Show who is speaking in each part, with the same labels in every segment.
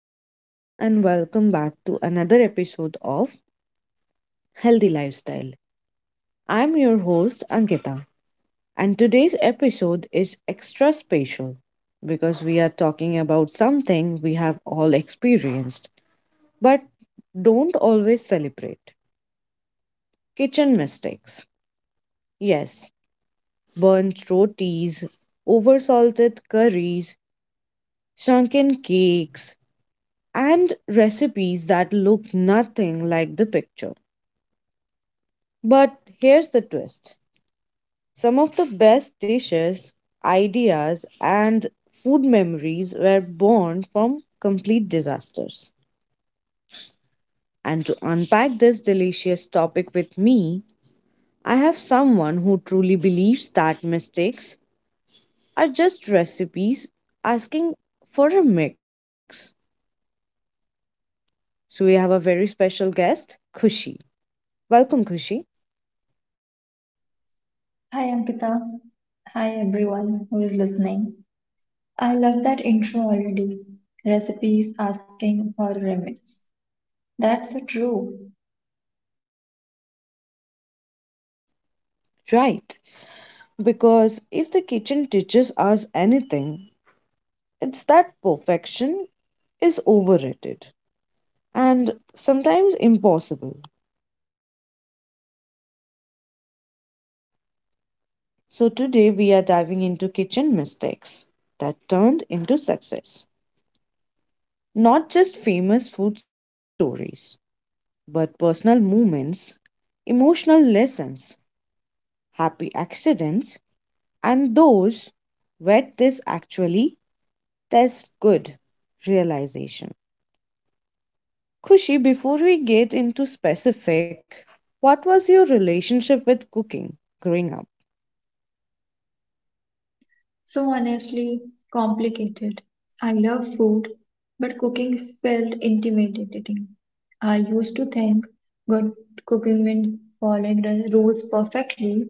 Speaker 1: Hello, everyone, and welcome back to another episode of Healthy Lifestyle. I'm your host, Ankita, and today's episode is extra special because we are talking about something we have all experienced but don't always celebrate kitchen mistakes. Yes, burnt rotis, oversalted curries, sunken cakes, and recipes that look nothing like the picture. But here's the twist. Some of the best dishes, ideas, and food memories were born from complete disasters. And to unpack this delicious topic with me, I have someone who truly believes that mistakes are just recipes asking for a mix. So we have a very special guest, Kushi. Welcome, Kushi.
Speaker 2: Hi Ankita. Hi everyone who is listening. I love that intro already. Recipes asking for remix. That's so true.
Speaker 1: Right. Because if the kitchen teaches us anything, it's that perfection is overrated, and sometimes impossible. So, today we are diving into kitchen mistakes that turned into success. Not just famous food stories, but personal moments, emotional lessons, happy accidents, and those where this actually tastes good realization. Kushi, before we get into specific, what was your relationship with cooking growing up?
Speaker 2: So honestly complicated. I love food, but cooking felt intimidating. I used to think good cooking meant following the rules perfectly,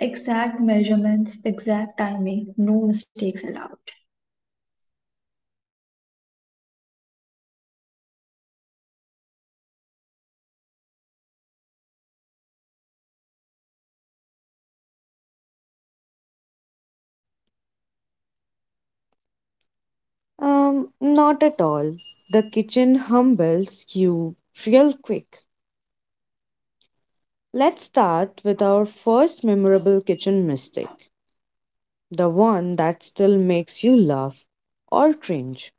Speaker 2: exact measurements, exact timing, no mistakes allowed.
Speaker 1: Not at all. The kitchen humbles you real quick. Let's start with our first memorable kitchen mistake, the one that still makes you laugh or cringe.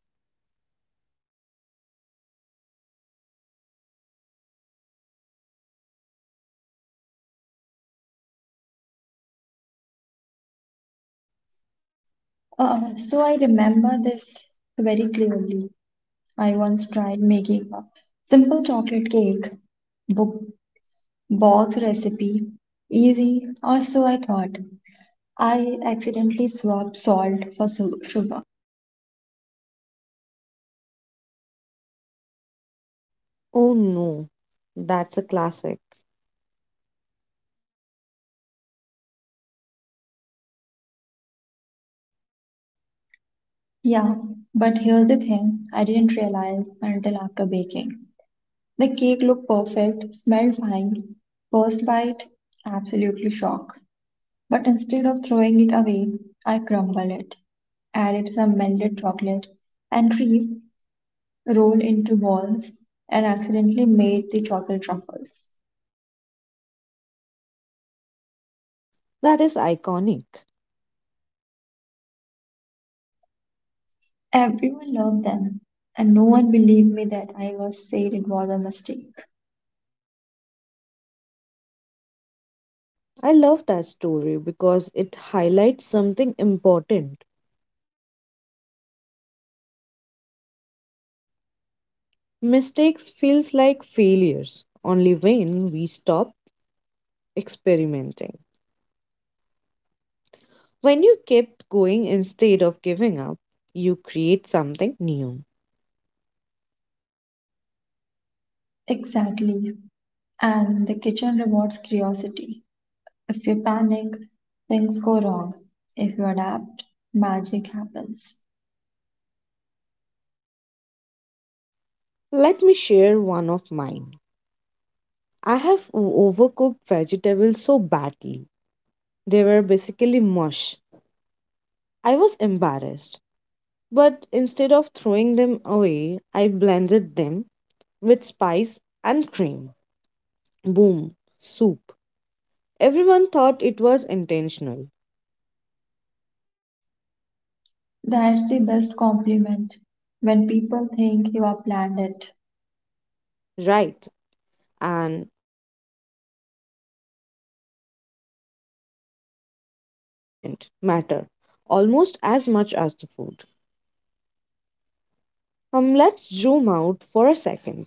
Speaker 2: So I remember this very clearly. I once tried making a simple chocolate cake, bo- both recipe easy, or so I thought. I accidentally swapped salt for sugar.
Speaker 1: Oh no, that's a classic.
Speaker 2: Yeah, but here's the thing I didn't realize until after baking. The cake looked perfect, smelled fine. First bite, absolutely shock. But instead of throwing it away, I crumble it, added some melted chocolate and cream rolled into balls and accidentally made the chocolate truffles.
Speaker 1: That is iconic.
Speaker 2: Everyone loved them, and no one believed me that I was said it was a mistake.
Speaker 1: I love that story because it highlights something important. Mistakes feels like failures only when we stop experimenting. When you keep going instead of giving up, you create something new.
Speaker 2: Exactly. And the kitchen rewards curiosity. If you panic, things go wrong. If you adapt, magic happens.
Speaker 1: Let me share one of mine. I have overcooked vegetables so badly. They were basically mush. I was embarrassed. But instead of throwing them away, I blended them with spice and cream. Boom, soup. Everyone thought it was intentional.
Speaker 2: That's the best compliment when people think you have planned it,
Speaker 1: Right, and that taught me presentation, and confident matter almost as much as the food. Let's zoom out for a second.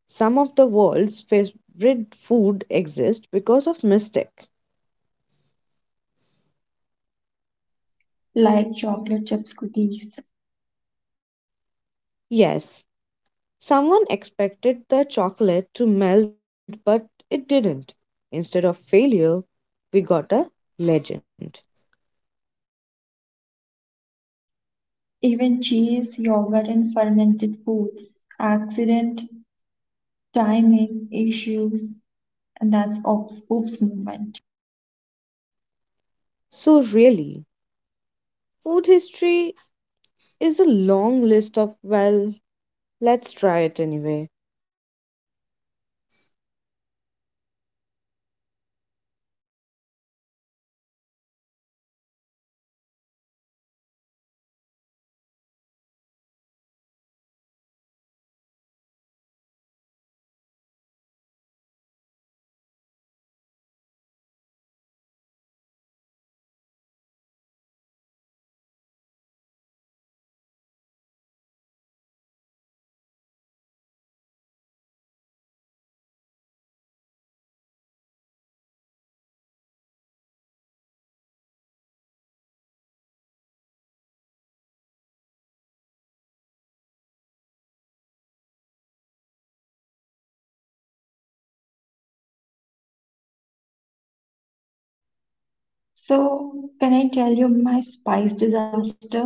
Speaker 1: Some of the world's favorite food exist because of mistake.
Speaker 2: like chocolate chips cookies,
Speaker 1: Yes, someone expected the chocolate to melt, but it didn't. Instead of failure, we got a legend.
Speaker 2: even cheese, yogurt, and fermented foods. Accident timing issues, and that's the oops movement.
Speaker 1: So, really, food history is a long list of, well, let's try it anyway.
Speaker 2: So, can I tell you my spice disaster?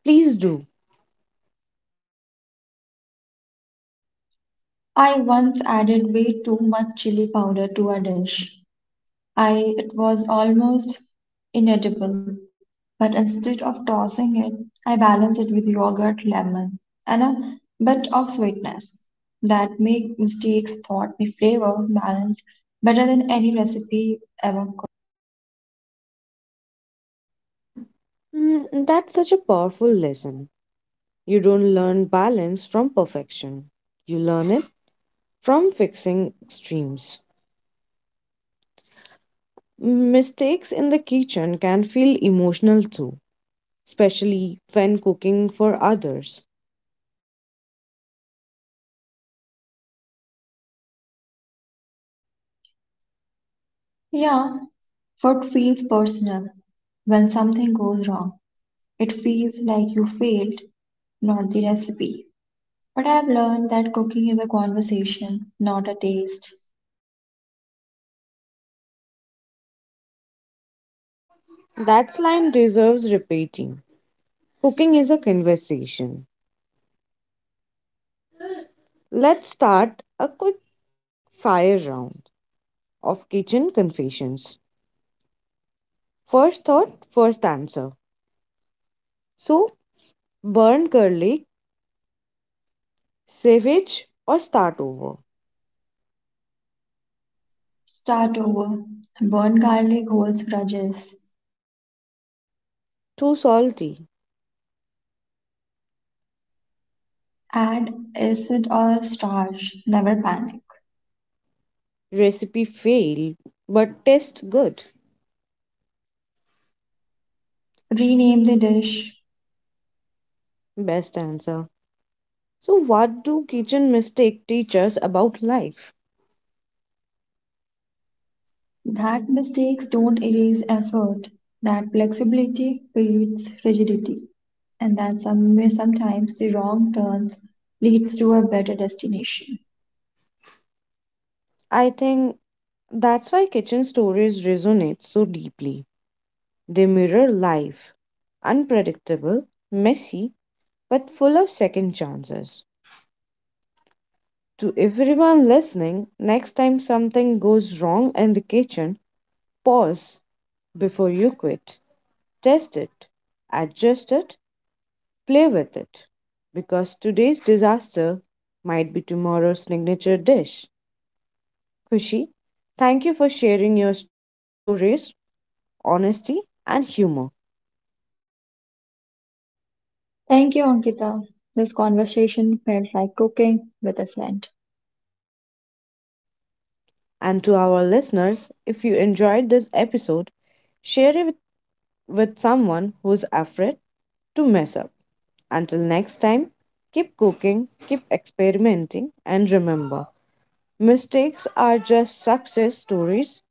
Speaker 1: Please do.
Speaker 2: I once added way too much chili powder to a dish. I It was almost inedible, but instead of tossing it, I balanced it with yogurt, lemon, and a bit of sweetness. That make mistakes taught me flavor balance better than any recipe ever could.
Speaker 1: Mm, that's such a powerful lesson. You don't learn balance from perfection, you learn it from fixing extremes. Mistakes in the kitchen can feel emotional too, especially when cooking for others.
Speaker 2: Yeah, food feels personal when something goes wrong. It feels like you failed, not the recipe. But I've learned that cooking is a conversation, not a taste.
Speaker 1: That line deserves repeating. Cooking is a conversation. Let's start a quick fire round of kitchen confessions. First thought, first answer. So, burn garlic, savage, or start over?
Speaker 2: Start over. Burn garlic holds grudges.
Speaker 1: Too salty.
Speaker 2: Add acid or starch. Never panic.
Speaker 1: Recipe fail, but tastes good.
Speaker 2: Rename the dish.
Speaker 1: Best answer. So, what do kitchen mistake teach us about life?
Speaker 2: That mistakes don't erase effort. That flexibility beats rigidity. And that sometimes the wrong turns leads to a better destination.
Speaker 1: I think that's why kitchen stories resonate so deeply. They mirror life, unpredictable, messy, but full of second chances. To everyone listening, next time something goes wrong in the kitchen, pause before you quit. Test it, adjust it, play with it, because today's disaster might be tomorrow's signature dish. Kushi, thank you for sharing your stories, honesty, and humor.
Speaker 2: Thank you, Ankita. This conversation felt like cooking with a friend.
Speaker 1: And to our listeners, if you enjoyed this episode, share it with someone who's afraid to mess up. Until next time, keep cooking, keep experimenting, and remember mistakes are just success stories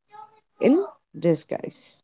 Speaker 1: in disguise.